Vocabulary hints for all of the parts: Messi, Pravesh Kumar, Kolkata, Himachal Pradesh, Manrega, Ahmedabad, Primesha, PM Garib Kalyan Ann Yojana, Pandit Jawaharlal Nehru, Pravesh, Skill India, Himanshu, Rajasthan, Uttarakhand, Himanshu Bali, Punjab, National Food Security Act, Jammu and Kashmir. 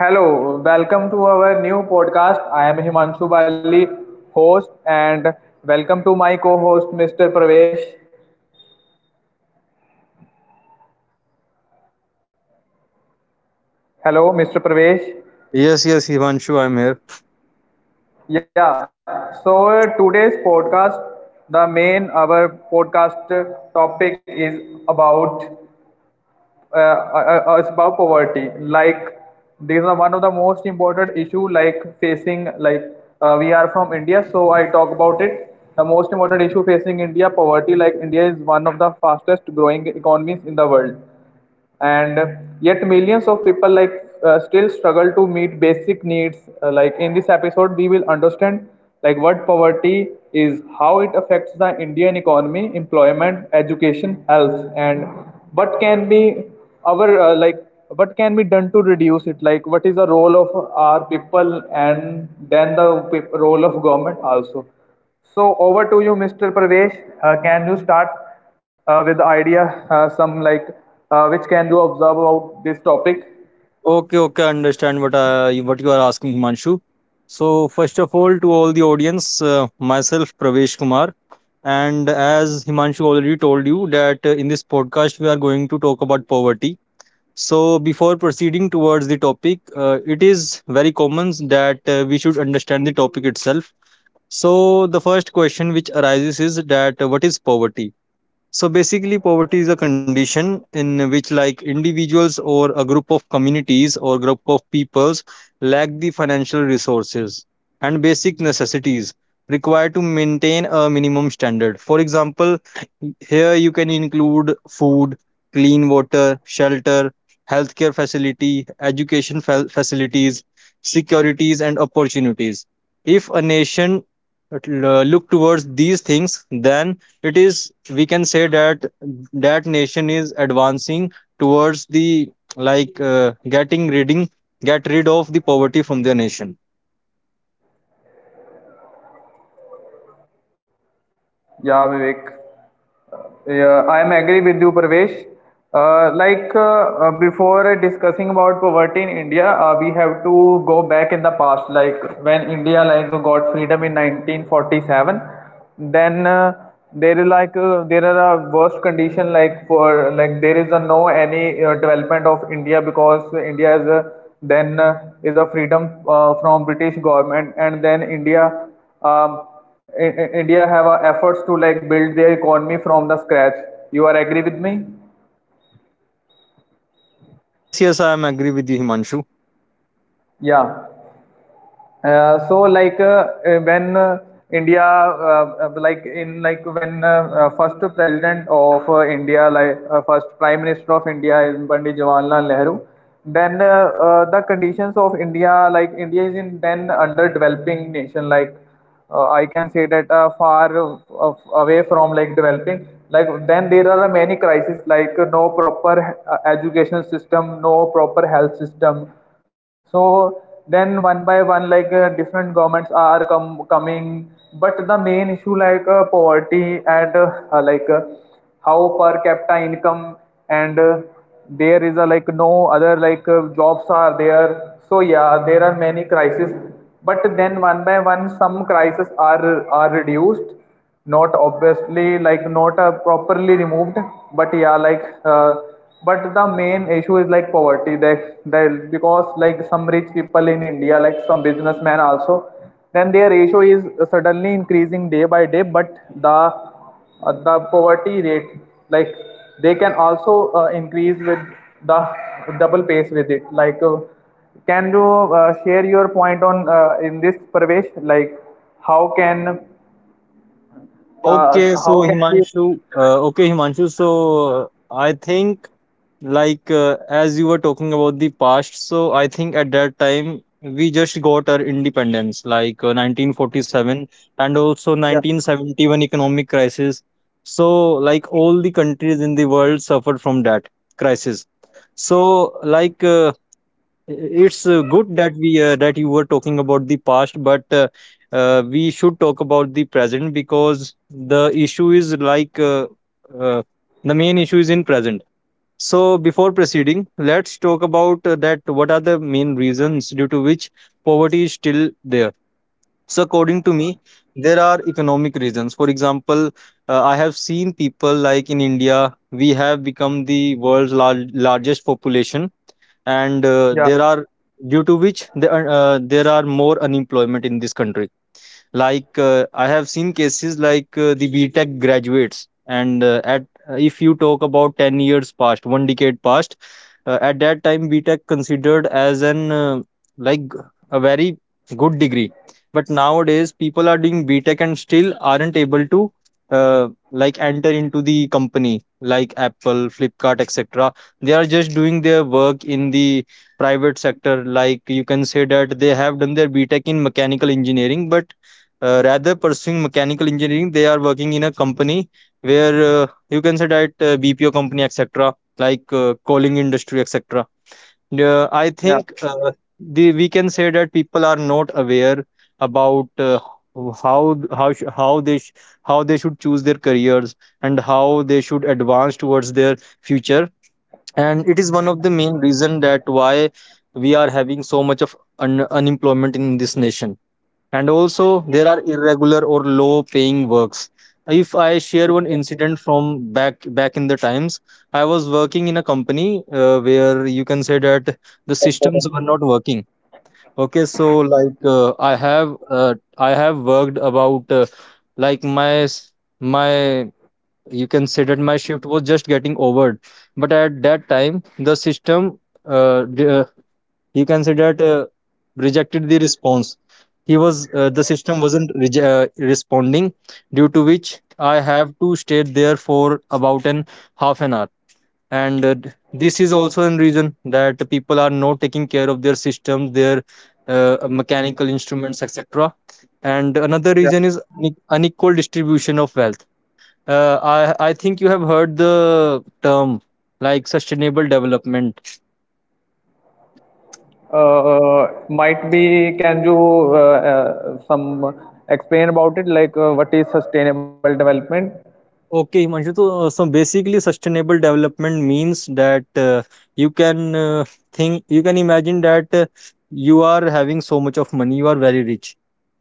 Hello, welcome to our new podcast. I am Himanshu Bali, host, and welcome to my co host, Mr. Pravesh. Hello, Mr. Pravesh. Yes, yes, Himanshu, I'm here. Yeah, so today's podcast, the main our podcast topic about is about poverty. Like these are one of the most important issue like facing like we are from India, so I talk about it. The most important issue facing India poverty. Like India is one of the fastest growing economies in the world and yet millions of people still struggle to meet basic needs. Like in this episode we will understand like what poverty is, how it affects the indian economy, employment, education, health, and what can be our what can be done to reduce it, like what is the role of our people and then the role of government also. So over to you, Mr. Pravesh. Can you start with the idea, some which can you observe about this topic? Okay, I understand what what you are asking, Himanshu. So, first of all, to all the audience, myself, Pravesh Kumar, and as Himanshu already told you that in this podcast we are going to talk about poverty. So, before proceeding towards the topic, it is very common that we should understand the topic itself. So, the first question which arises is that what is poverty? So basically, poverty is a condition in which, like individuals or a group of communities or group of peoples, lack the financial resources and basic necessities required to maintain a minimum standard. For example, here you can include food, clean water, shelter, healthcare facility, facilities, securities, and opportunities. If a nation look towards these things, then it is we can say that that nation is advancing towards the like uh, getting reading get rid of the poverty from their nation. Yeah, Vivek. Yeah, I am agree with you, Pravesh. Before discussing about poverty in India, we have to go back in the past. Like when India like got freedom in 1947, then there is there are a worst condition like for like there is a no any development of India because India is a, then is a freedom from British government and then India. Um, India have efforts to like build their economy from the scratch. You are agree with me? Yes, yes, I am agree with you, Himanshu. Yeah. When India like in like when first president of India like first prime minister of India is Pandit Jawaharlal Nehru, then the conditions of India like India is in then underdeveloping nation like I can say that far away from like developing, like then there are many crises like no proper education system, no proper health system. So then one by one different governments are coming, but the main issue like poverty and how per capita income and there is a like no other jobs are there. So yeah, there are many crises, but then one by one some crises are reduced, not obviously like not properly removed, but yeah, but the main issue is like poverty that, because like some rich people in india like some businessmen also, then their ratio is suddenly increasing day by day, but the poverty rate like they can also increase with the double pace with it. Can you share your point on in this, Pravesh, like how can uh, Okay, so how can we? Himanshu, uh, okay, Himanshu, so I think as you were talking about the past, so I think at that time we just got our independence, 1947, and also Yeah, 1971 economic crisis. So like all the countries in the world suffered from that crisis. So like it's good that we that you were talking about the past, but we should talk about the present because the issue is like uh, the main issue is in present. So before proceeding, let's talk about that. What are the main reasons due to which poverty is still there? So according to me, there are economic reasons. For example, I have seen people like in India, we have become the largest population and yeah, there are due to which there are more unemployment in this country like I have seen cases like the btech graduates and at if you talk about 10 years past one decade past, at that time btech considered as an like a very good degree, but nowadays people are doing btech and still aren't able to like enter into the company like apple flipkart etc. They are just doing their work in the private sector. Like you can say that they have done their btech in mechanical engineering, but rather pursuing mechanical engineering they are working in a company where you can say that bpo company etc, like coaling industry etc. uh, i yeah, think uh, the, we can say that people are not aware about how sh- how they should choose their careers and how they should advance towards their future, and it is one of the main reason that why we are having so much of unemployment in this nation. And also, there are irregular or low-paying works. If I share one incident from back in the times, I was working in a company where you can say that the systems were not working. Okay, so I have worked about like my s- my you can say that my shift was just getting over, but at that time the system d- he considered rejected the response. He was the system wasn't responding, due to which I have to stay there for about an half an hour. And this is also a reason that people are not taking care of their systems, their mechanical instruments, etc. And another yeah. reason is unequal distribution of wealth. I think you have heard the term like sustainable development. Might be. Can you some explain about it? Like, what is sustainable development? Okay, Himanshu. So, so basically, sustainable development means that you can think, you can imagine that you are having so much of money, you are very rich.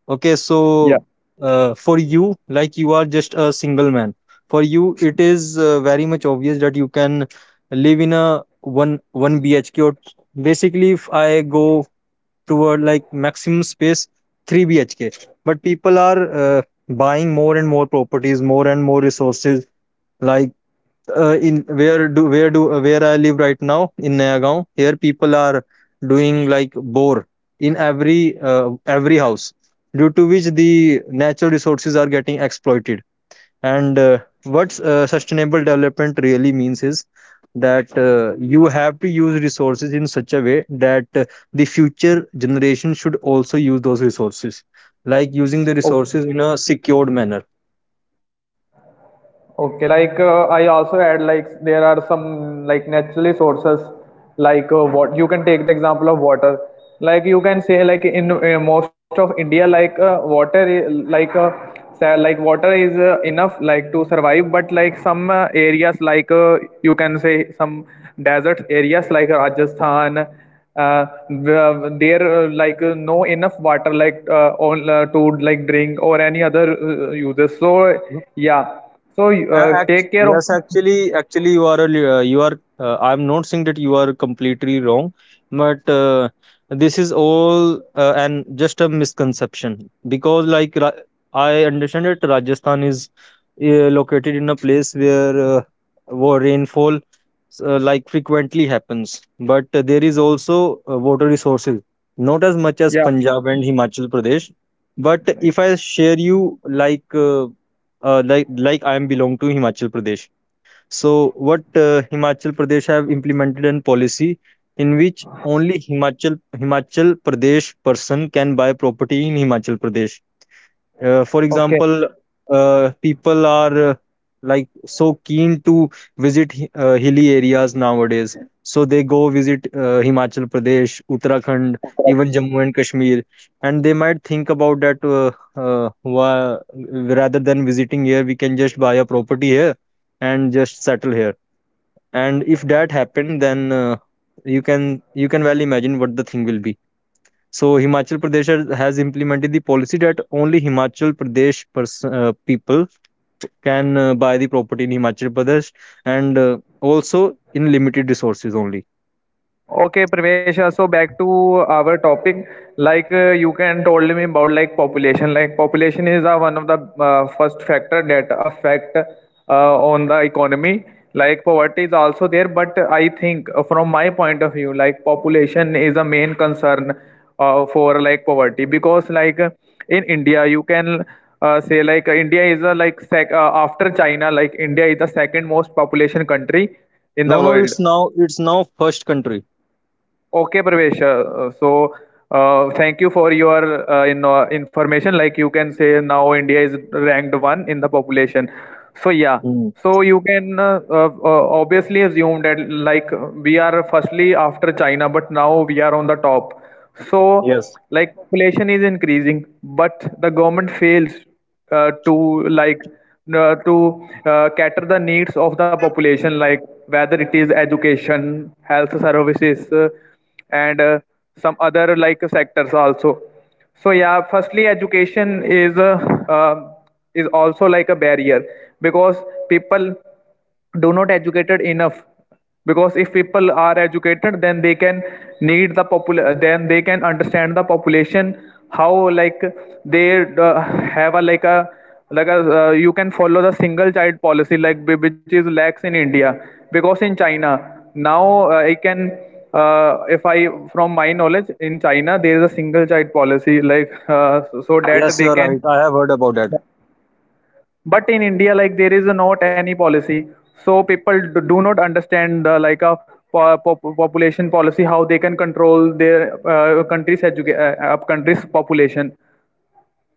Okay, Yeah. so for you, like you are just a single man. For you, it is very much obvious that you can live in a one BHK. Or basically, if I go toward like maximum space, three BHK. But people are buying more and more properties, more and more resources, like in where do where do where I live right now in nayagaon, here people are doing like bore in every house, due to which the natural resources are getting exploited. And what sustainable development really means is that you have to use resources in such a way that the future generation should also use those resources, like using the Okay. resources in a secured manner. Okay, I also add like there are some like naturally sources what you can take the example of water. Like you can say like in most of India like water like water is enough like to survive, but like some areas like you can say some desert areas like Rajasthan, there no enough water like all, to like drink or any other uses. So yeah, so take care of. Yes, actually, you are. I'm not saying that you are completely wrong, but this is all and just a misconception because, like, I understand that Rajasthan is located in a place where rainfall like frequently happens, but there is also water resources, not as much as Yeah. Punjab and Himachal Pradesh. But if I Right. share you like. Like I am belong to Himachal Pradesh. So what Himachal Pradesh have implemented an policy in which only Himachal Pradesh person can buy property in Himachal Pradesh. For Okay. example, people are like so keen to visit hilly areas nowadays. So they go visit Himachal Pradesh, Uttarakhand, even Jammu and Kashmir, and they might think about that. Rather than visiting here, we can just buy a property here and just settle here. And if that happened, then you can well imagine what the thing will be. So Himachal Pradesh has implemented the policy that only Himachal Pradesh people can buy the property in Himachal Pradesh, and also in limited resources only. Okay, Primesha. So back to our topic, you can told me about like population. Like population is one of the first factor that affect on the economy. Like poverty is also there, but I think from my point of view, like population is a main concern for like poverty, because in India you can say India is a like, after China, like India is the second most population country in No, the no, it's world. now it's now first country. Okay, Pravesh. Thank you for your information. Like you can say now India is ranked one in the population. So, yeah. Hmm. So you can obviously assume that like we are firstly after China, but now we are on the top. So, Yes. like population is increasing, but the government fails to to cater the needs of the population, like whether it is education, health services, and some other like sectors also. So yeah, firstly education uh, is also like a barrier, because people do not educated enough, because if people are educated then they can need the popul, then they can understand the population how like they have a like a like a you can follow the single child policy like which is lax in india. Because in china now, I can uh, if I from my knowledge in china there is a single child policy like. So Yes, you that are they right. can, I have heard about that. but in india like there is not any policy. So people do not understand like a population policy how they can control their country's population.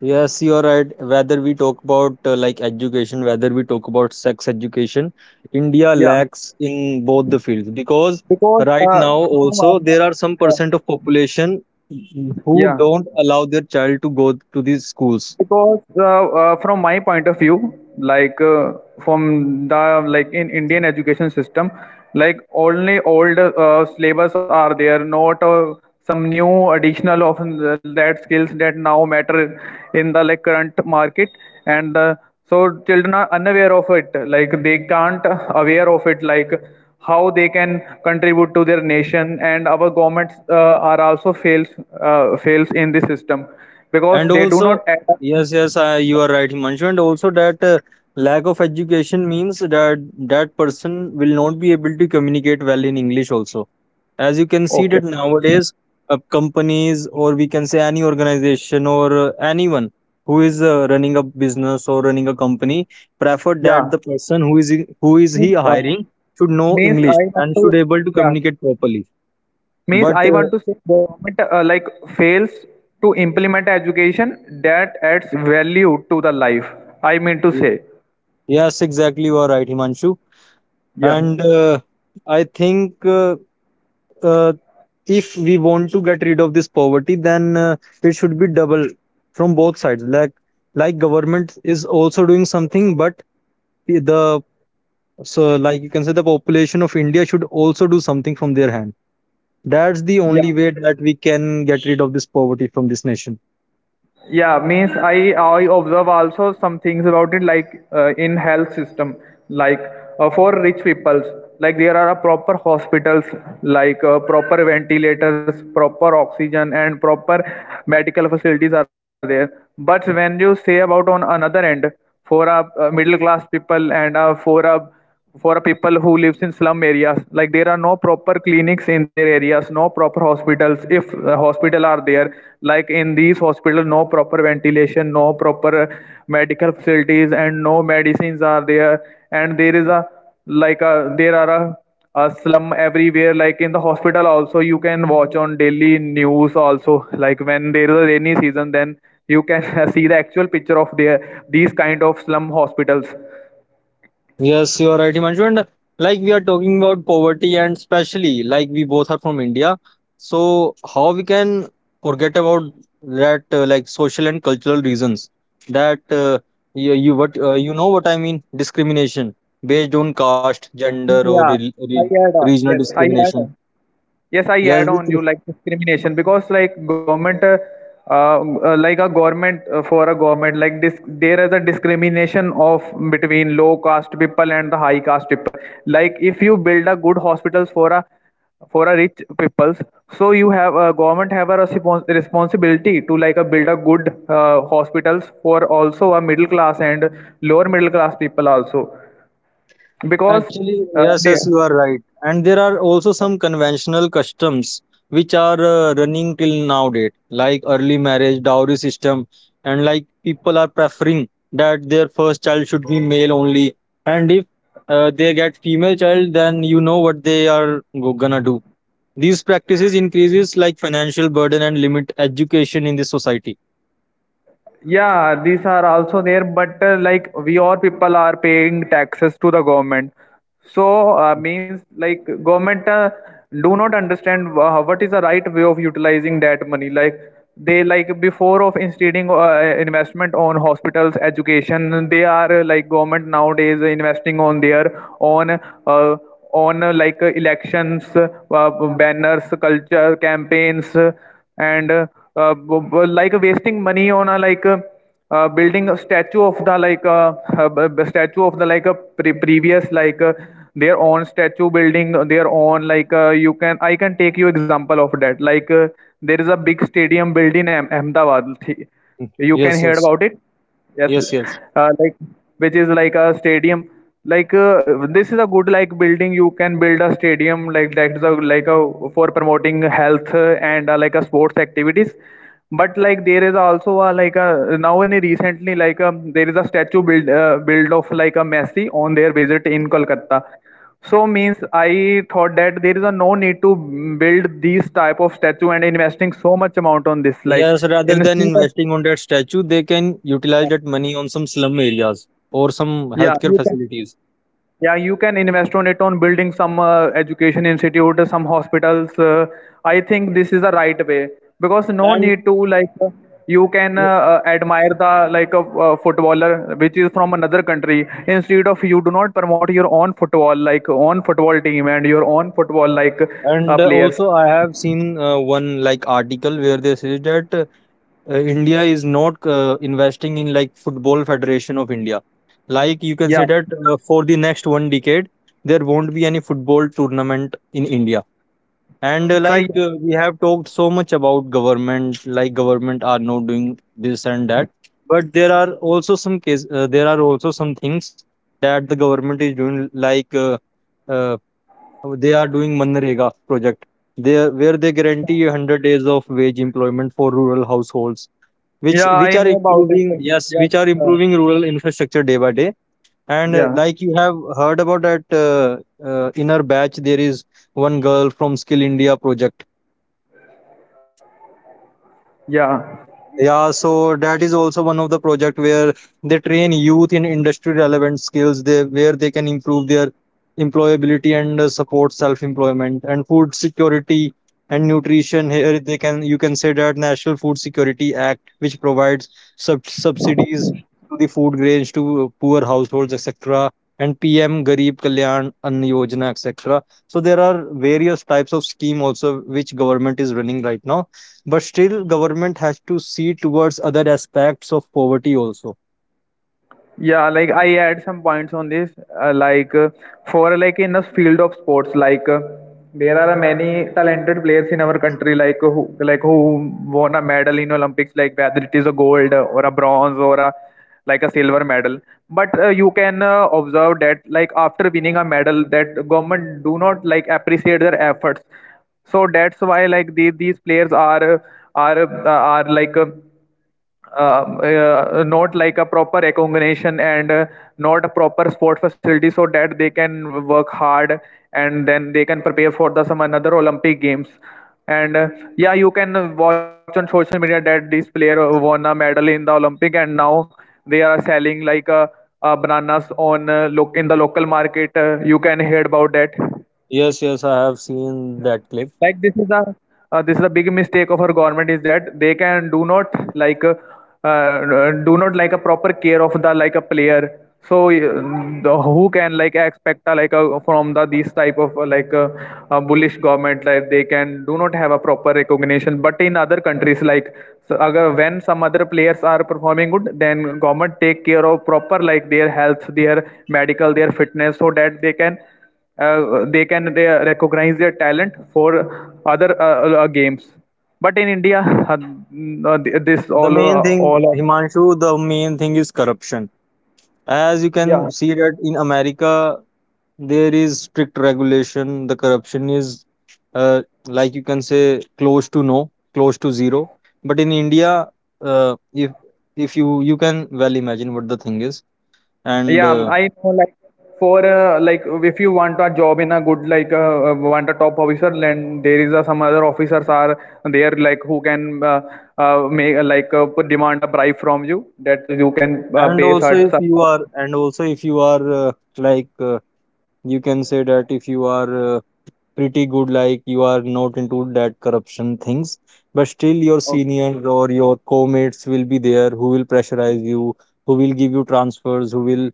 Yes, you're right. Whether we talk about like education, whether we talk about sex education, India yeah lacks in both the fields because because right now uh, from also um, there are some uh, percent of population who yeah, don't allow their child to go to these schools. because from my point of view like uh, from the like in indian education system like only old syllabus are there, not some new additional of that skills that now matter in the like current market. And uh, so children are unaware of it, like they can't aware of it, like how they can contribute to their nation, and our governments are also fails, fails in this system, because And they do not also, add. yes, you are right, Himanshu. And also, that lack of education means that that person will not be able to communicate well in English. Also, as you can see Okay. that nowadays, companies or we can say any organization or anyone who is running a business or running a company prefer that Yeah. the person who is he Means, uh, hiring should know means English I want and should to, able to yeah, communicate properly. means But I want to say government like fails to implement education that adds value to the life. I mean to say, Yes, exactly, you are right, Himanshu. yeah, And I think uh, if we want to get rid of this poverty, then it should be double from both sides. Like government is also doing something, but the so like you can say the population of India should also do something from their hand. That's the yeah. only way that we can get rid of this poverty from this nation. Yeah, means I observe also some things about it, like in health system, like for rich peoples like there are a proper hospitals, like proper ventilators, proper oxygen and proper medical facilities are there. But when you say about on another end, for a middle class people, and for a people who lives in slum areas, like there are no proper clinics in their areas, no proper hospitals. If hospital are there, like in these hospitals, no proper ventilation, no proper medical facilities and no medicines are there. And there is a like a there are a slum everywhere, like in the hospital also you can watch on daily news also, like when there is a rainy season then you can see the actual picture of their these kind of slum hospitals. Yes, you are right, Himanshu. And like we are talking about poverty, and especially like we both are from India, so how we can forget about that, like social and cultural reasons that you know what I mean? Discrimination based on caste, gender, Yeah, or yeah. re re I add, regional yes, I add, discrimination. Yes, I Yes, add which on you like discrimination, because like government, like a government for a government, like this, there is a discrimination of between low caste people and the high caste people. Like if you build a good hospitals for a rich peoples, so you have a government have a responsibility to like a build a good hospitals for also a middle class and lower middle class people also, because Actually, uh, yes, they, yes, you are right. And there are also some conventional customs which are running till now date, like early marriage, dowry system, and like people are preferring that their first child should be male only. And if they get female child, then you know what they are gonna do. These practices increases like financial burden and limit education in the society. yeah, these are also there, but like we all people are paying taxes to the government. So means like government do not understand what is the right way of utilizing that money. Like they like before of instituting investment on hospitals, education. They are like government nowadays investing on their on like elections, banners, culture campaigns and like wasting money on a like building a statue of the like statue of the like a previous like their own statue, building their own like you can, I can take you example of that like there is a big stadium built in Ahmedabad, Mm. you can Yes, hear yes, about it. Yes, yes, yes. Like which is like a stadium. Like this is a good like building. You can build a stadium like that, is a like a for promoting health and like a sports activities. But like there is also a like a now in recently like there is a statue build build of like a Messi on their visit in Kolkata. So means I thought that there is a no need to build these type of statue and investing so much amount on this. Like Yes, rather than instead of, investing on that statue, they can utilize that money on some slum areas or some yeah. healthcare facilities. Yeah, you can invest on it on building some education institute, some hospitals. I think this is the right way because no And need to you can admire the like a footballer which is from another country instead of you do not promote your own football like own football team and your own football like and players. also, I have seen one like article where they say that India is not investing in like Football Federation of India. Like you can say Yeah. that for the next one decade, there won't be any football tournament in India. And So I, we have talked so much about government, like government are not doing this and that, but there are also there are also some things that the government is doing, like uh, they are doing Manrega project, there where they guarantee 100 days of wage employment for rural households, which yeah, which I are know about it. improving, yes, Yes. which are Uh, improving rural infrastructure day by day. And yeah. like you have heard about that inner batch, there is one girl from Skill India project. Yeah. Yeah, so that is also one of the project where they train youth in industry relevant skills, where they can improve their employability and support self employment and food security and nutrition. Here they can you can say that National Food Security Act, which provides subsidies to the food grains to poor households etc, and PM Garib Kalyan Ann Yojana etc. So there are various types of scheme also which government is running right now, but still government has to see towards other aspects of poverty also. Yeah, like I add some points on this. Like for like in the field of sports, like there are many talented players in our country, like who won a medal in Olympics, like whether it is a gold or a bronze or a like a silver medal. But you can observe that like after winning a medal, that government do not like appreciate their efforts, so that's why like the, these players are like not like a proper accommodation and not a proper sport facility so that they can work hard and then they can prepare for the some another olympic games and yeah, you can watch on social media that this player won a medal in the olympic and now they are selling like bananas on look in the local market. You can hear about that Yes, yes, I have seen that clip. like this is a big mistake of our government is that they can do not like a proper care of the like a player. So the, who can like expect a, like a, from the these type of like a bullish government, like they can do not have a proper recognition. But in other countries like so agar, when some other players are performing good, then government take care of proper like their health, their medical, their fitness so that they can they can they recognize their talent for other games. But in India uh, uh, this The main thing, all of Himanshu, the main thing is corruption. As you can yeah, see that in America, there is strict regulation, the corruption is uh, like you can say close to no, close to zero, but in India, if if you can well imagine what the thing is. and yeah, uh, I know like for like if you want a job in a good like want a top officer, then there is a, some other officers are there like who can make like demand a bribe from you that you can and pay also such if such. you are and also if you are like uh, you can say that if you are pretty good, like you are not into that corruption things, but still your Okay. seniors or your co-mates will be there who will pressurize you, who will give you transfers, who will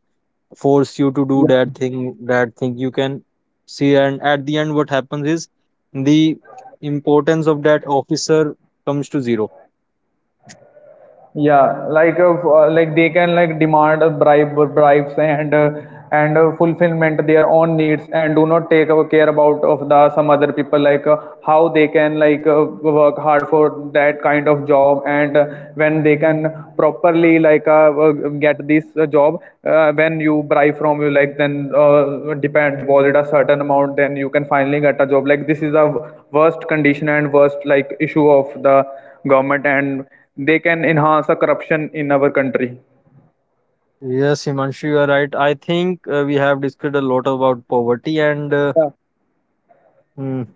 force you to do Yeah, that thing, you can see. And at the end what happens is the importance of that officer comes to zero. yeah, like like they can like demand a bribe bribes and fulfillment their own needs and do not take care about of the some other people like how they can like work hard for that kind of job and when they can properly like get this job. When you bribe from you, like then depend deposit a certain amount, then you can finally get a job. Like this is the worst condition and worst like issue of the government, and they can enhance the corruption in our country. Yes, Himanshu, you are right. I think we have discussed a lot about poverty, and Yeah. mm,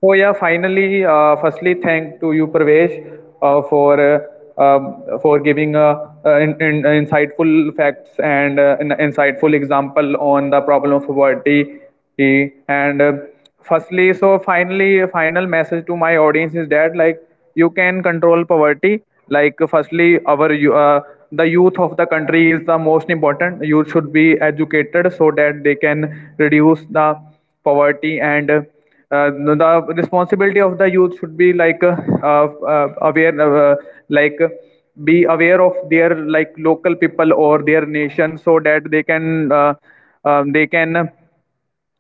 So yeah, finally, firstly, thank to you, Pravesh, for giving insightful facts and an insightful example on the problem of poverty. And firstly, so finally, a final message to my audience is that like you can control poverty. Like firstly, our the youth of the country is the most important. Youth should be educated so that they can reduce the poverty. And the responsibility of the youth should be like aware like be aware of their like local people or their nation so that they can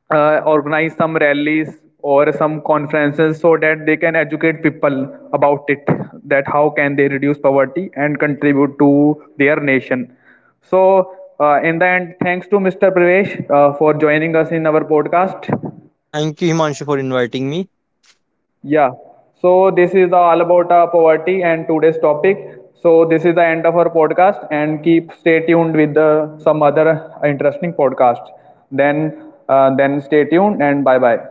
organize some rallies or some conferences so that they can educate people about it, that how can they reduce poverty and contribute to their nation. So in the end, thanks to Mr. Pravesh for joining us in our podcast. thank you, Himanshu, for inviting me. Yeah, so this is all about poverty and today's topic. So this is the end of our podcast, and keep stay tuned with the, some other interesting podcast. Then stay tuned and bye bye.